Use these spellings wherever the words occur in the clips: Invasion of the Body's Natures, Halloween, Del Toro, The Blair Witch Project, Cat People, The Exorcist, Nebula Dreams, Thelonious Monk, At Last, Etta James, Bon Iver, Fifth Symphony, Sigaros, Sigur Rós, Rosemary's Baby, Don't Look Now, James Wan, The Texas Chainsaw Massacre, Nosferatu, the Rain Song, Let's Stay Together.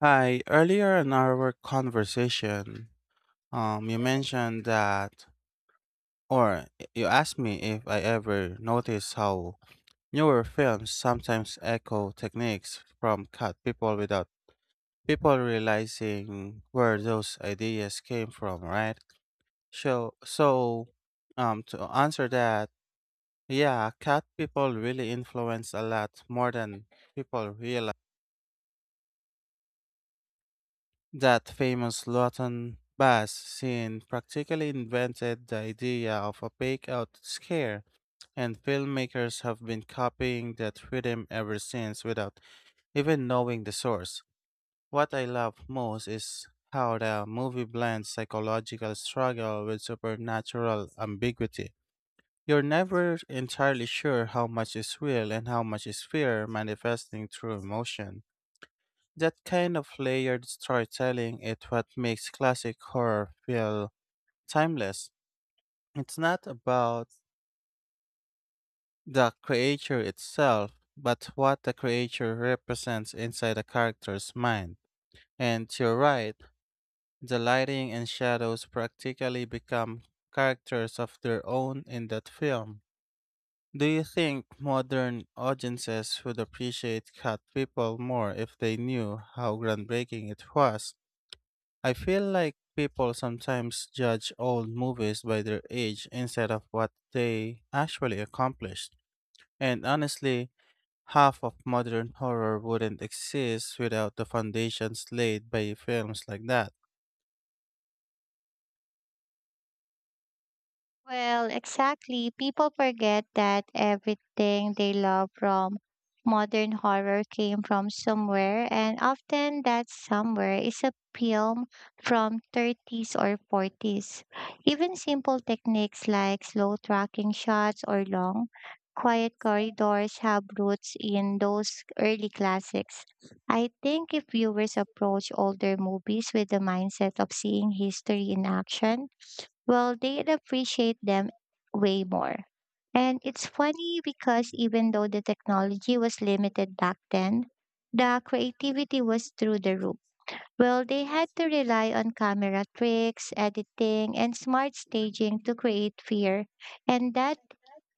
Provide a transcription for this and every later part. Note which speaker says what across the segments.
Speaker 1: Hi, earlier in our conversation, you mentioned that, or you asked me if I ever noticed how newer films sometimes echo techniques from cut people without people realizing where those ideas came from, right? So, so, to answer that, yeah, cat people really influence a lot more than people realize. That famous Luatan bass scene practically invented the idea of a fake out scare, and filmmakers have been copying that rhythm ever since without even knowing the source. What I love most is how the movie blends psychological struggle with supernatural ambiguity. You're never entirely sure how much is real and how much is fear manifesting through emotion. That kind of layered storytelling is what makes classic horror feel timeless. It's not about the creature itself, but what the creature represents inside a character's mind. And you're right, the lighting and shadows practically become characters of their own in that film. Do you think modern audiences would appreciate Cat People more if they knew how groundbreaking it was? I feel like people sometimes judge old movies by their age instead of what they actually accomplished. And honestly, half of modern horror wouldn't exist without the foundations laid by films like that.
Speaker 2: Well, exactly. People forget that everything they love from modern horror came from somewhere, and often that somewhere is a film from 30s or 40s. Even simple techniques like slow tracking shots or long, quiet corridors have roots in those early classics. I think if viewers approach older movies with the mindset of seeing history in action, well, they'd appreciate them way more. And it's funny because even though the technology was limited back then, the creativity was through the roof. Well, they had to rely on camera tricks, editing, and smart staging to create fear, and that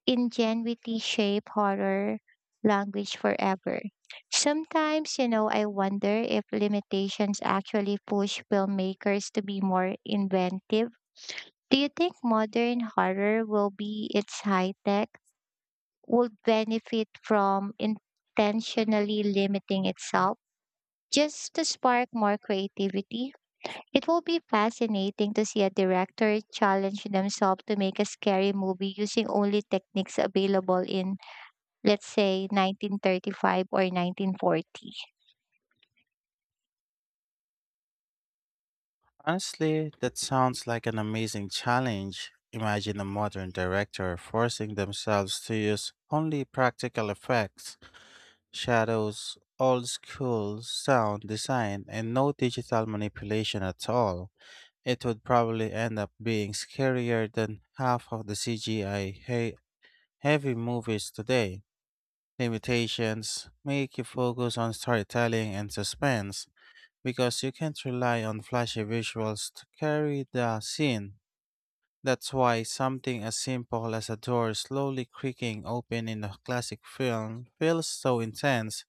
Speaker 2: ingenuity shaped horror language forever. Sometimes, I wonder if limitations actually push filmmakers to be more inventive. Do you think modern horror will be its high tech would benefit from intentionally limiting itself just to spark more creativity? It will be fascinating to see a director challenge themselves to make a scary movie using only techniques available in, let's say, 1935 or 1940.
Speaker 1: Honestly, that sounds like an amazing challenge. Imagine a modern director forcing themselves to use only practical effects, shadows, old school sound design, and no digital manipulation at all. It would probably end up being scarier than half of the CGI heavy movies today. Limitations make you focus on storytelling and suspense because you can't rely on flashy visuals to carry the scene. That's why something as simple as a door slowly creaking open in a classic film feels so intense.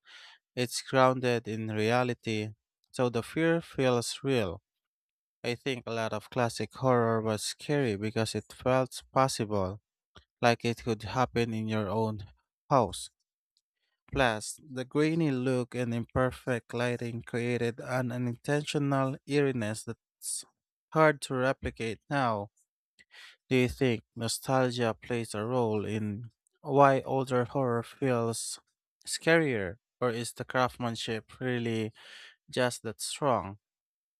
Speaker 1: It's grounded in reality, so the fear feels real. I think a lot of classic horror was scary because it felt possible, like it could happen in your own house. Plus, the grainy look and imperfect lighting created an unintentional eeriness that's hard to replicate now. Do you think nostalgia plays a role in why older horror feels scarier, or is the craftsmanship really just that strong?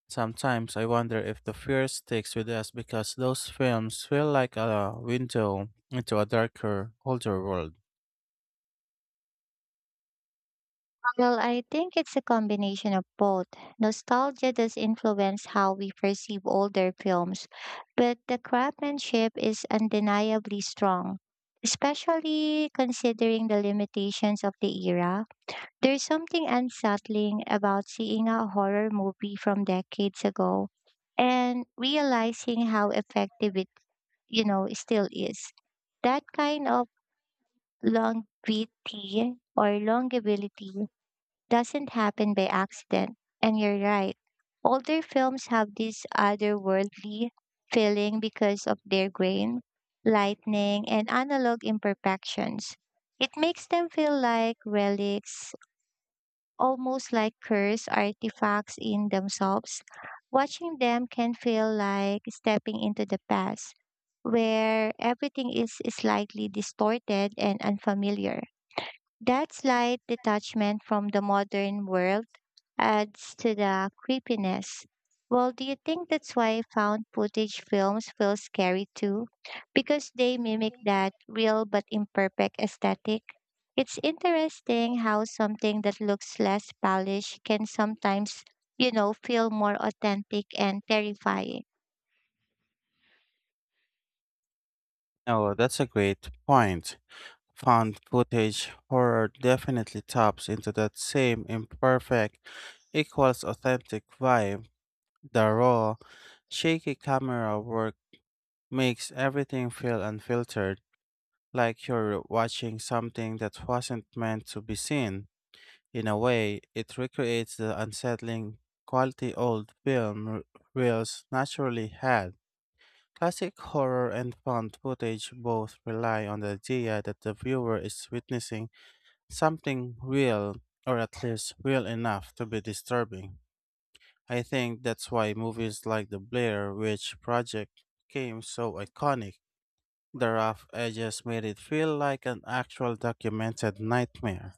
Speaker 1: Sometimes I wonder if the fear sticks with us because those films feel like a window into a darker, older world.
Speaker 2: Well, I think it's a combination of both. Nostalgia does influence how we perceive older films, but the craftsmanship is undeniably strong, especially considering the limitations of the era. There's something unsettling about seeing a horror movie from decades ago and realizing how effective it still is. That kind of longevity doesn't happen by accident. And you're right. Older films have this otherworldly feeling because of their grain, lightning, and analog imperfections. It makes them feel like relics almost like cursed artifacts in themselves. Watching them can feel like stepping into the past, where everything is slightly distorted and unfamiliar. That slight detachment from the modern world adds to the creepiness. Well, do you think that's why found footage films feel scary too? Because they mimic that real but imperfect aesthetic? It's interesting how something that looks less polished can sometimes, feel more authentic and terrifying.
Speaker 1: Oh, that's a great point. Found footage horror definitely taps into that same imperfect equals authentic vibe. The raw, shaky camera work makes everything feel unfiltered, like you're watching something that wasn't meant to be seen. In a way, it recreates the unsettling quality old reels naturally had. Classic horror and found footage both rely on the idea that the viewer is witnessing something real, or at least real enough to be disturbing. I think that's why movies like The Blair Witch Project became so iconic. The rough edges made it feel like an actual documented nightmare.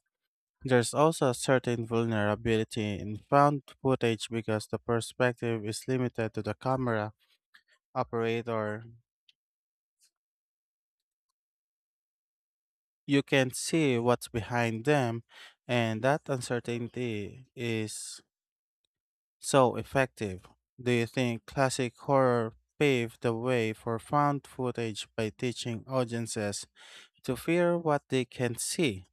Speaker 1: There's also a certain vulnerability in found footage because the perspective is limited to the camera operator. You can't see what's behind them, and that uncertainty is so effective. Do you think classic horror paved the way for found footage by teaching audiences to fear what they can see?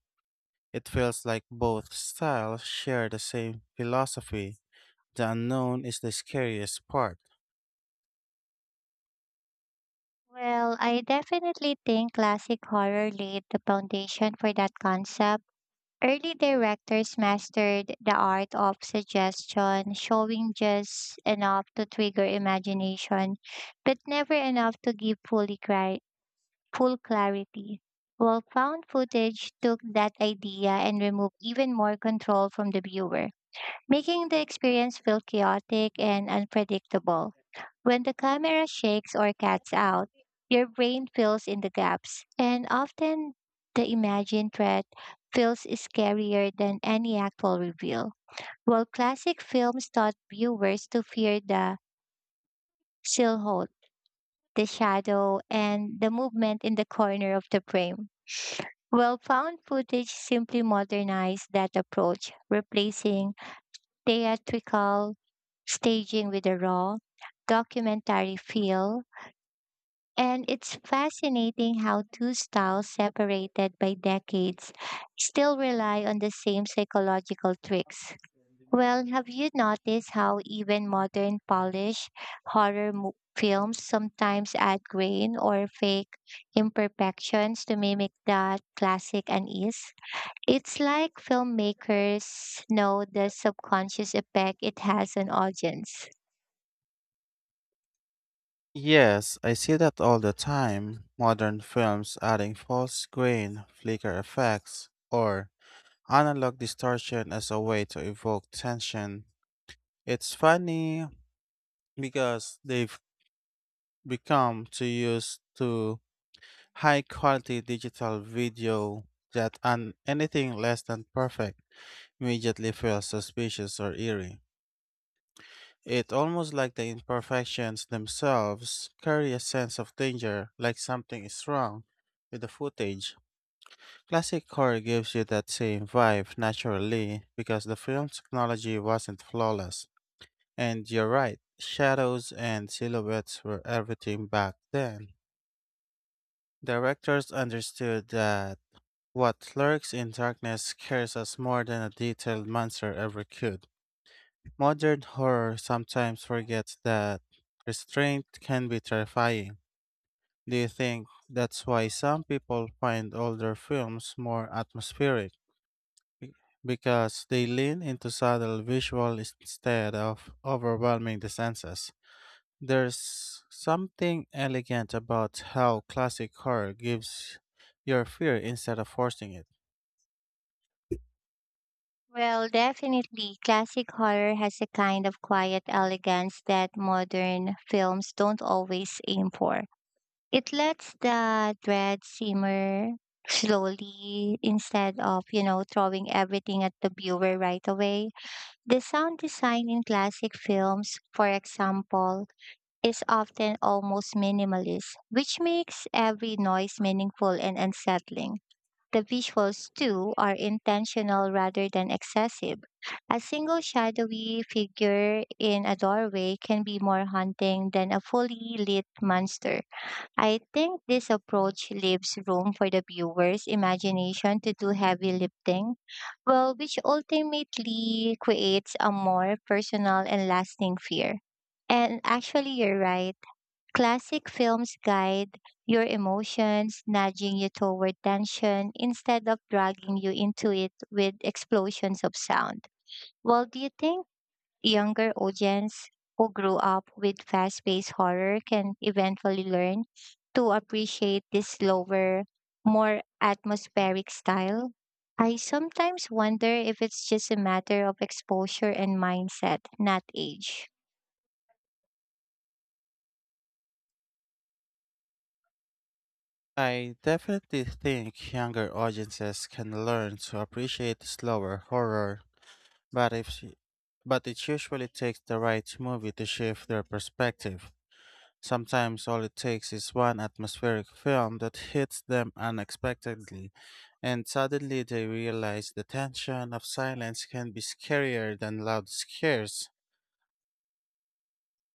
Speaker 1: It feels like both styles share the same philosophy. The unknown is the scariest part.
Speaker 2: Well, I definitely think classic horror laid the foundation for that concept. Early directors mastered the art of suggestion, showing just enough to trigger imagination, but never enough to give full clarity. While found footage took that idea and removed even more control from the viewer, making the experience feel chaotic and unpredictable. When the camera shakes or cuts out, your brain fills in the gaps, and often the imagined threat feels scarier than any actual reveal. While classic films taught viewers to fear the silhouette, the shadow, and the movement in the corner of the frame, well, found footage simply modernized that approach, replacing theatrical staging with a raw, documentary feel. And it's fascinating how two styles separated by decades still rely on the same psychological tricks. Well, have you noticed how even modern Polish horror films sometimes add grain or fake imperfections to mimic that classic unease? It's like filmmakers know the subconscious effect it has on audience.
Speaker 1: Yes, I see that all the time. Modern films adding false grain, flicker effects, or analog distortion as a way to evoke tension. It's funny because they've become too used to high quality digital video that an anything less than perfect immediately feels suspicious or eerie. It almost like the imperfections themselves carry a sense of danger, like something is wrong with the footage. Classic horror gives you that same vibe naturally because the film's technology wasn't flawless. And you're right, shadows and silhouettes were everything back then. Directors understood that what lurks in darkness scares us more than a detailed monster ever could. Modern horror sometimes forgets that restraint can be terrifying. Do you think that's why some people find older films more atmospheric? Because they lean into subtle visual instead of overwhelming the senses. There's something elegant about how classic horror gives your fear instead of forcing it.
Speaker 2: Well, definitely. Classic horror has a kind of quiet elegance that modern films don't always aim for. It lets the dread simmer slowly instead of, throwing everything at the viewer right away. The sound design in classic films, for example, is often almost minimalist, which makes every noise meaningful and unsettling. The visuals, too, are intentional rather than excessive. A single shadowy figure in a doorway can be more haunting than a fully lit monster. I think this approach leaves room for the viewer's imagination to do heavy lifting, well, which ultimately creates a more personal and lasting fear. And actually, you're right. Classic films guide your emotions, nudging you toward tension instead of dragging you into it with explosions of sound. Well, do you think younger audience who grew up with fast paced horror can eventually learn to appreciate this slower, more atmospheric style? I sometimes wonder if it's just a matter of exposure and mindset, not age.
Speaker 1: I definitely think younger audiences can learn to appreciate slower horror. But if she, But it usually takes the right movie to shift their perspective. Sometimes all it takes is one atmospheric film that hits them unexpectedly, and suddenly they realize the tension of silence can be scarier than loud scares.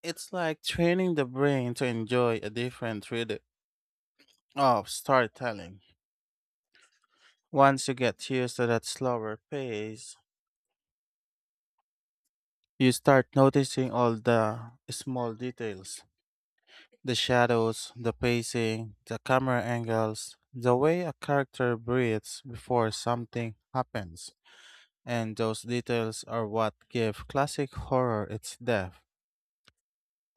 Speaker 1: It's like training the brain to enjoy a different rhythm of storytelling. Once you get used to that slower pace, you start noticing all the small details. The shadows, the pacing, the camera angles, the way a character breathes before something happens. And those details are what give classic horror its depth.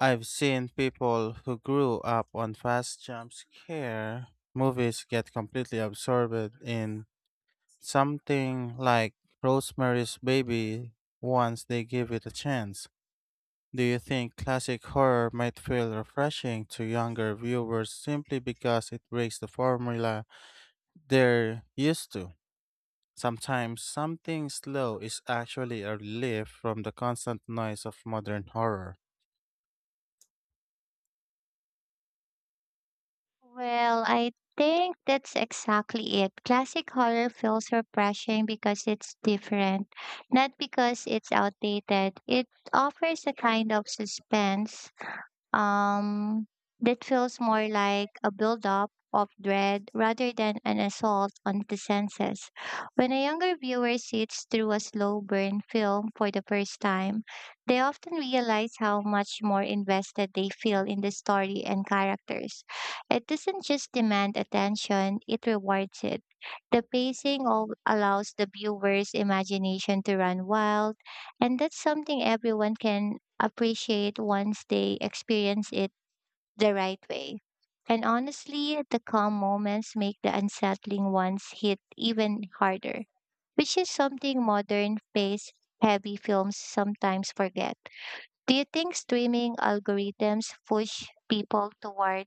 Speaker 1: I've seen people who grew up on fast jump scare movies get completely absorbed in something like Rosemary's Baby once they give it a chance. Do you think classic horror might feel refreshing to younger viewers simply because it breaks the formula they're used to? Sometimes something slow is actually a relief from the constant noise of modern horror.
Speaker 2: Well, I think that's exactly it. Classic horror feels refreshing because it's different, not because it's outdated. It offers a kind of suspense um, that feels more like a buildup of dread rather than an assault on the senses. When a younger viewer sits through a slow burn film for the first time, they often realize how much more invested they feel in the story and characters. It doesn't just demand attention, it rewards it. The pacing allows the viewer's imagination to run wild, and that's something everyone can appreciate once they experience it the right way. And honestly, the calm moments make the unsettling ones hit even harder, which is something modern, pace heavy films sometimes forget. Do you think streaming algorithms push people toward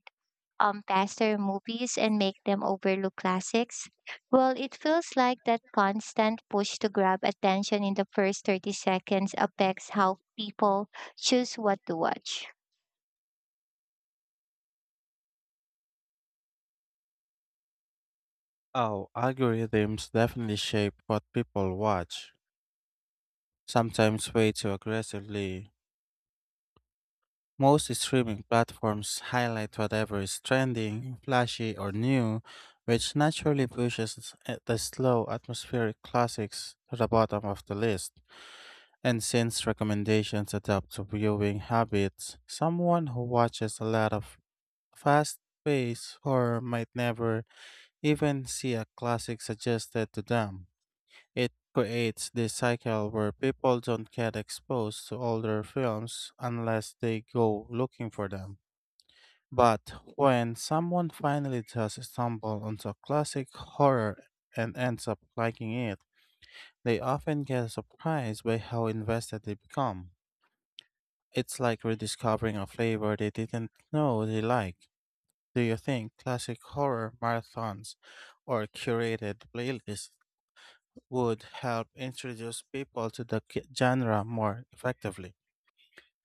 Speaker 2: faster movies and make them overlook classics? Well, it feels like that constant push to grab attention in the first 30 seconds affects how people choose what to watch.
Speaker 1: Oh, algorithms definitely shape what people watch, sometimes way too aggressively. Most streaming platforms highlight whatever is trending, flashy, or new, which naturally pushes the slow atmospheric classics to the bottom of the list. And since recommendations adapt to viewing habits, someone who watches a lot of fast paced or might never even see a classic suggested to them. It creates this cycle where people don't get exposed to older films unless they go looking for them. But when someone finally does stumble onto a classic horror and ends up liking it, they often get surprised by how invested they become. It's like rediscovering a flavor they didn't know they liked. Do you think classic horror marathons or curated playlists would help introduce people to the genre more effectively?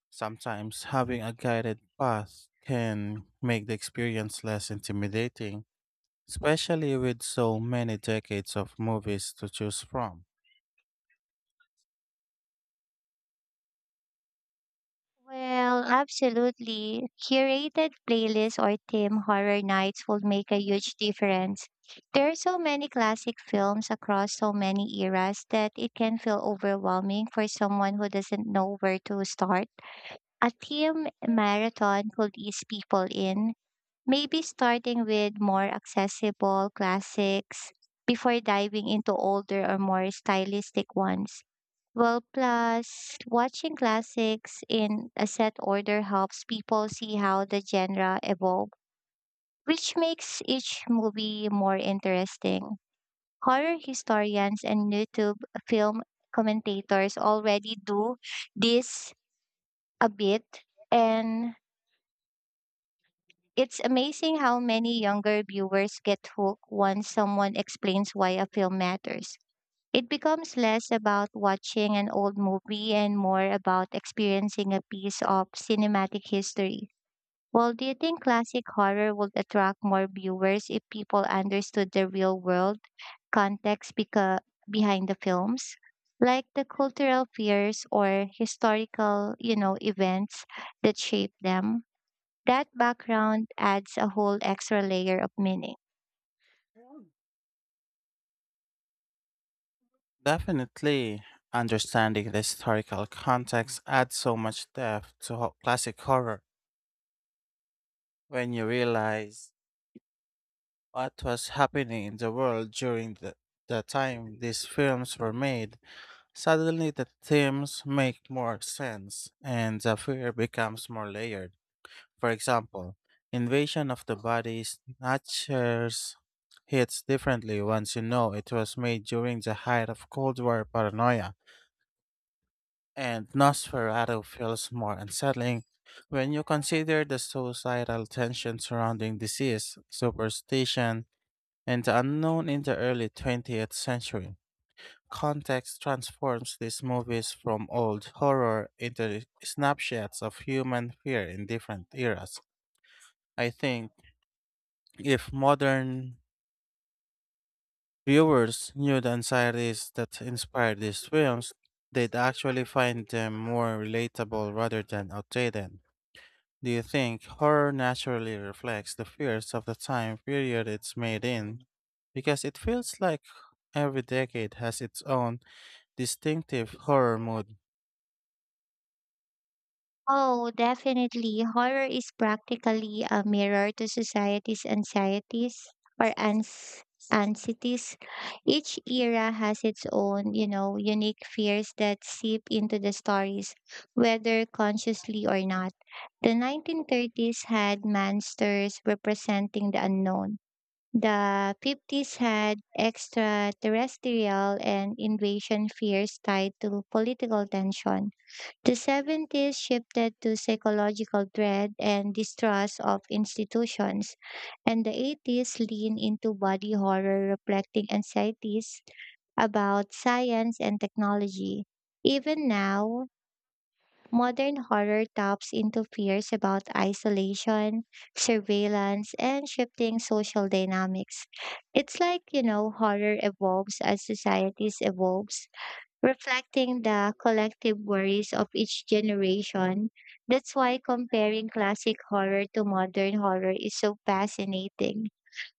Speaker 1: Sometimes having a guided path can make the experience less intimidating, especially with so many decades of movies to choose from.
Speaker 2: Well, absolutely. Curated playlists or theme horror nights will make a huge difference. There are so many classic films across so many eras that it can feel overwhelming for someone who doesn't know where to start. A theme marathon could ease people in, maybe starting with more accessible classics before diving into older or more stylistic ones. Well, plus watching classics in a set order helps people see how the genre evolved, which makes each movie more interesting. Horror historians and YouTube film commentators already do this a bit, and it's amazing how many younger viewers get hooked once someone explains why a film matters. It becomes less about watching an old movie and more about experiencing a piece of cinematic history. Well, do you think classic horror would attract more viewers if people understood the real world context behind the films? Like the cultural fears or historical, events that shape them. That background adds a whole extra layer of meaning.
Speaker 1: Definitely, understanding the historical context adds so much depth to classic horror when you realize what was happening in the world during the time these films were made. Suddenly, the themes make more sense and the fear becomes more layered. For example, invasion of the body's natures hits differently once you know it was made during the height of Cold War paranoia, and Nosferatu feels more unsettling when you consider the societal tension surrounding disease, superstition, and the unknown in the early 20th century. Context transforms these movies from old horror into snapshots of human fear in different eras. I think if modern viewers knew the anxieties that inspired these films, they'd actually find them more relatable rather than outdated. Do you think horror naturally reflects the fears of the time period it's made in? Because it feels like every decade has its own distinctive horror mood.
Speaker 2: Oh, definitely. Horror is practically a mirror to society's anxieties or ans anxieties. Each era has its own, unique fears that seep into the stories, whether consciously or not. The 1930s had monsters representing the unknown. The 50s had extraterrestrial and invasion fears tied to political tension. The 70s shifted to psychological dread and distrust of institutions, and the 80s leaned into body horror, reflecting anxieties about science and technology. Even now, modern horror taps into fears about isolation, surveillance, and shifting social dynamics. It's like, horror evolves as societies evolve, reflecting the collective worries of each generation. That's why comparing classic horror to modern horror is so fascinating.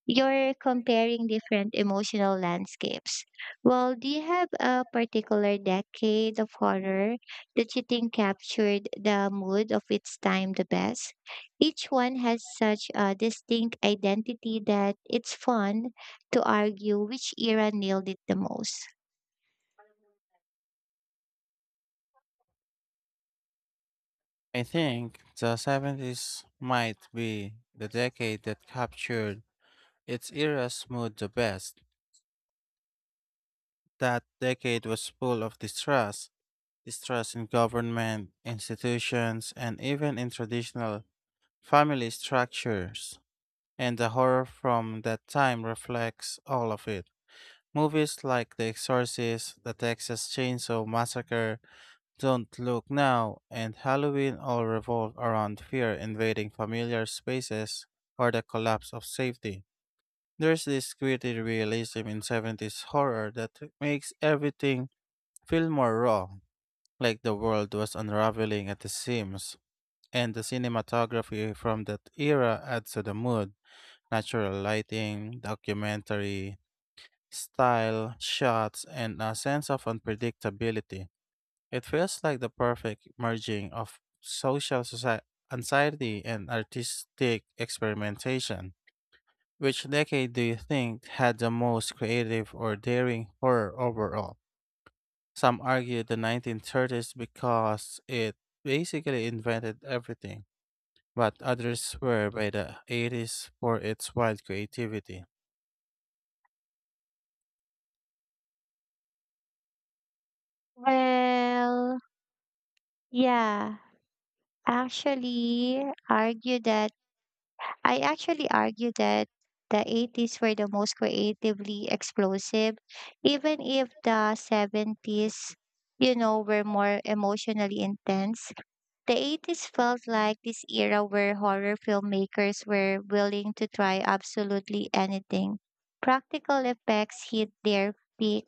Speaker 2: You're comparing different emotional landscapes. Well, do you have a particular decade of horror that you think captured the mood of its time the best? Each one has such a distinct identity that it's fun to argue which era nailed it the most.
Speaker 1: I think the 70s might be the decade that captured its era's mood the best. That decade was full of distrust in government, institutions, and even in traditional family structures. And the horror from that time reflects all of it. Movies like The Exorcist, The Texas Chainsaw Massacre, Don't Look Now, and Halloween all revolve around fear invading familiar spaces or the collapse of safety. There's this gritty realism in 70s horror that makes everything feel more raw, like the world was unraveling at the seams. And the cinematography from that era adds to the mood. Natural lighting, documentary style, shots, and a sense of unpredictability. It feels like the perfect merging of anxiety and artistic experimentation. Which decade do you think had the most creative or daring horror overall? Some argue the 1930s because it basically invented everything, but others swear by the 80s for its wild creativity.
Speaker 2: Well, yeah, actually argue that I actually argue that the 80s were the most creatively explosive, even if the 70s, were more emotionally intense. The 80s felt like this era where horror filmmakers were willing to try absolutely anything. Practical effects hit their peak,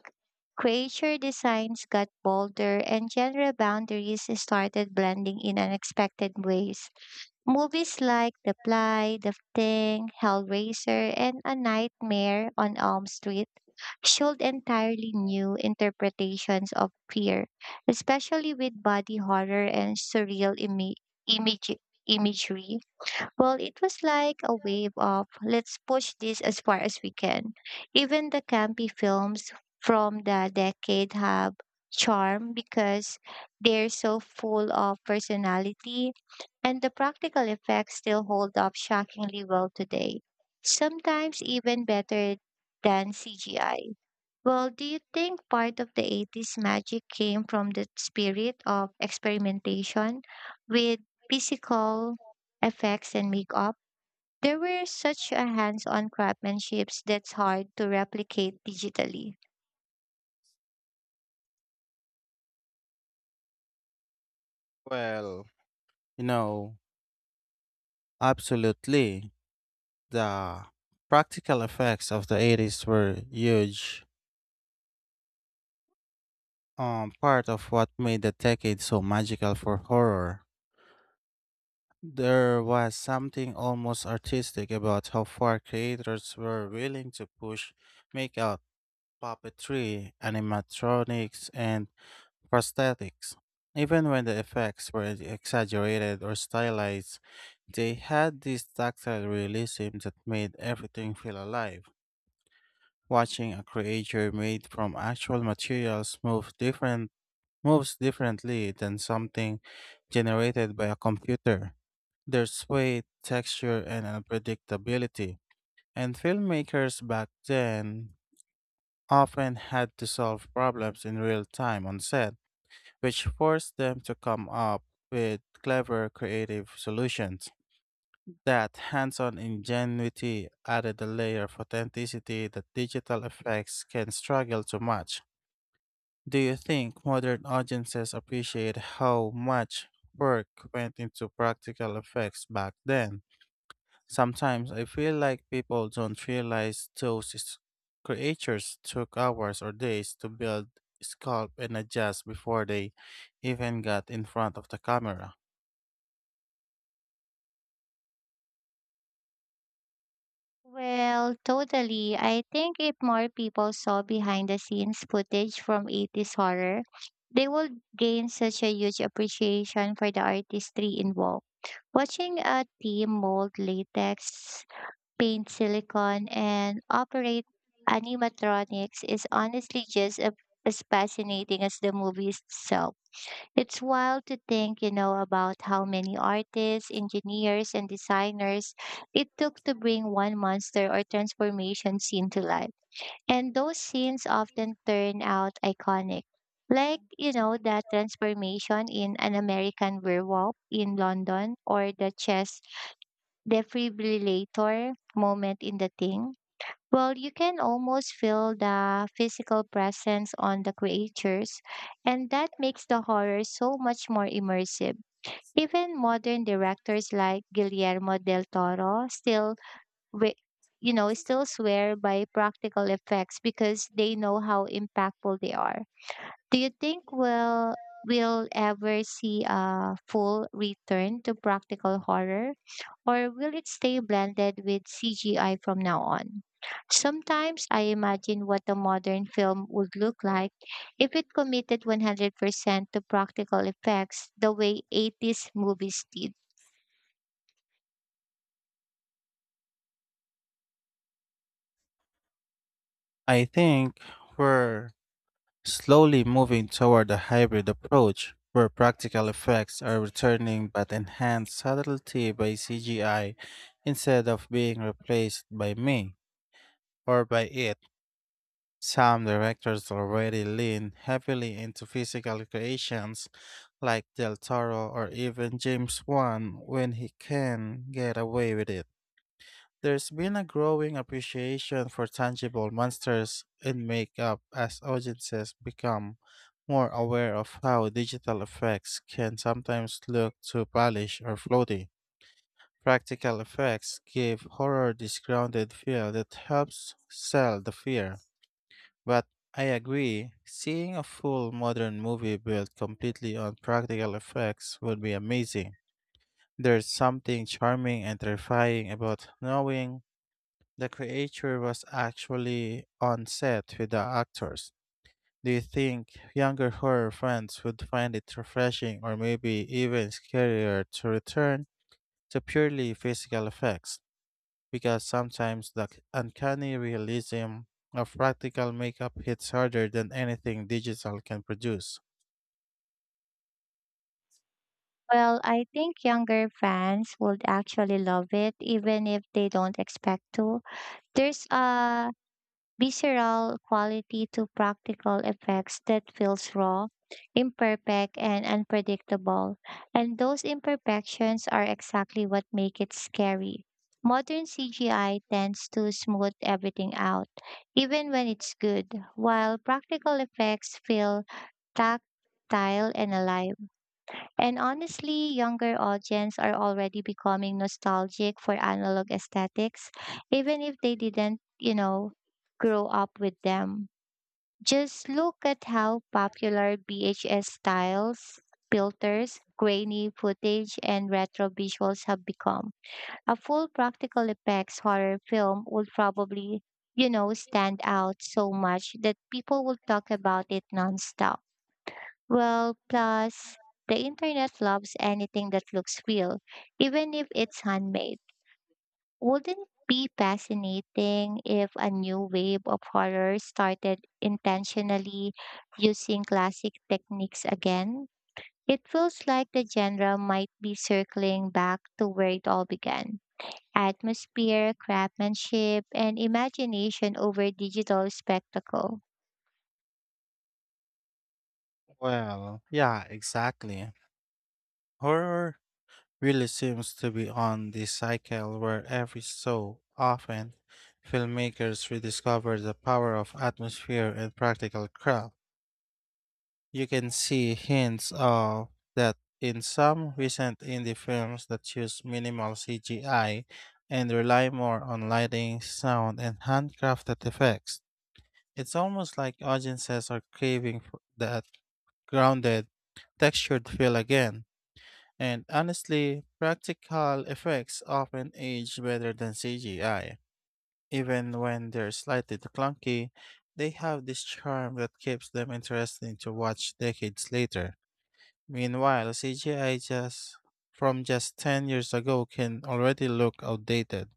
Speaker 2: creature designs got bolder, and genre boundaries started blending in unexpected ways. Movies like The Fly, The Thing, Hellraiser, and A Nightmare on Elm Street showed entirely new interpretations of fear, especially with body horror and surreal image- imagery. Well, it was like a wave of let's push this as far as we can. Even the campy films from the decade have charm because they're so full of personality and the practical effects still hold up shockingly well today. Sometimes even better than CGI. Well, do you think part of the 80s magic came from the spirit of experimentation with physical effects and makeup? There were such a hands-on craftsmanships that's hard to replicate digitally.
Speaker 1: Well, You know, Absolutely. The practical effects of the 80s were huge. Part of what made the decade so magical for horror. There was something almost artistic about how far creators were willing to push makeout puppetry, animatronics, and prosthetics. Even when the effects were exaggerated or stylized, they had this tactile realism that made everything feel alive. Watching a creature made from actual materials moves differently than something generated by a computer. There's weight, texture, and unpredictability. And filmmakers back then often had to solve problems in real time on set, which forced them to come up with clever, creative solutions. That hands on ingenuity added a layer of authenticity that digital effects can struggle to match. Do you think modern audiences appreciate how much work went into practical effects back then? Sometimes I feel like people don't realize those creatures took hours or days to build, sculpt, and adjust before they even got in front of the camera.
Speaker 2: Well, totally. I think if more people saw behind the scenes footage from 80s horror, they would gain such a huge appreciation for the artistry involved. Watching a team mold latex paint silicone, and operate animatronics is honestly just a, as fascinating as the movie itself. It's wild to think, about how many artists, engineers, and designers it took to bring one monster or transformation scene to life. And those scenes often turn out iconic. Like, the transformation in an American werewolf in London or the chess defibrillator moment in the thing. Well, you can almost feel the physical presence on the creatures, and that makes the horror so much more immersive. Even modern directors like Guillermo del Toro still, wi- you know, still swear by practical effects because they know how impactful they are. Do you think we'll ever see a full return to practical horror, or will it stay blended with CGI from now on? Sometimes I imagine what a modern film would look like if it committed 100% to practical effects the way 80s movies did.
Speaker 1: I think we're slowly moving toward a hybrid approach where practical effects are returning but enhanced subtlety by CGI instead of being replaced by me or by it. Some directors already lean heavily into physical creations like Del Toro or even James Wan when he can get away with it. There's been a growing appreciation for tangible monsters and makeup as audiences become more aware of how digital effects can sometimes look too polished or floaty. Practical effects give horror this grounded feel that helps sell the fear. But I agree, seeing a full modern movie built completely on practical effects would be amazing. There's something charming and terrifying about knowing the creature was actually on set with the actors. Do you think younger horror fans would find it refreshing or maybe even scarier to return to purely physical effects? Because sometimes the uncanny realism of practical makeup hits harder than anything digital can produce.
Speaker 2: Well, I think younger fans would actually love it even if they don't expect to. There's a visceral quality to practical effects that feels raw, imperfect, and unpredictable. And those imperfections are exactly what make it scary. Modern CGI tends to smooth everything out, even when it's good, while practical effects feel tactile and alive. And honestly, younger audiences are already becoming nostalgic for analog aesthetics, even if they didn't, grow up with them. Just look at how popular VHS styles, filters, grainy footage, and retro visuals have become. A full practical effects horror film would probably, stand out so much that people will talk about it nonstop. Well, plus the internet loves anything that looks real, even if it's handmade. Wouldn't it be fascinating if a new wave of horror started intentionally using classic techniques again? It feels like the genre might be circling back to where it all began. Atmosphere, craftsmanship, and imagination over digital spectacle.
Speaker 1: Well, yeah, exactly. Horror really seems to be on this cycle where every so often filmmakers rediscover the power of atmosphere and practical craft. You can see hints of that in some recent indie films that use minimal CGI and rely more on lighting, sound, and handcrafted effects. It's almost like audiences are craving for that grounded, textured feel again. And honestly, practical effects often age better than CGI. Even when they're slightly clunky, they have this charm that keeps them interesting to watch decades later. Meanwhile, CGI just from just 10 years ago can already look outdated.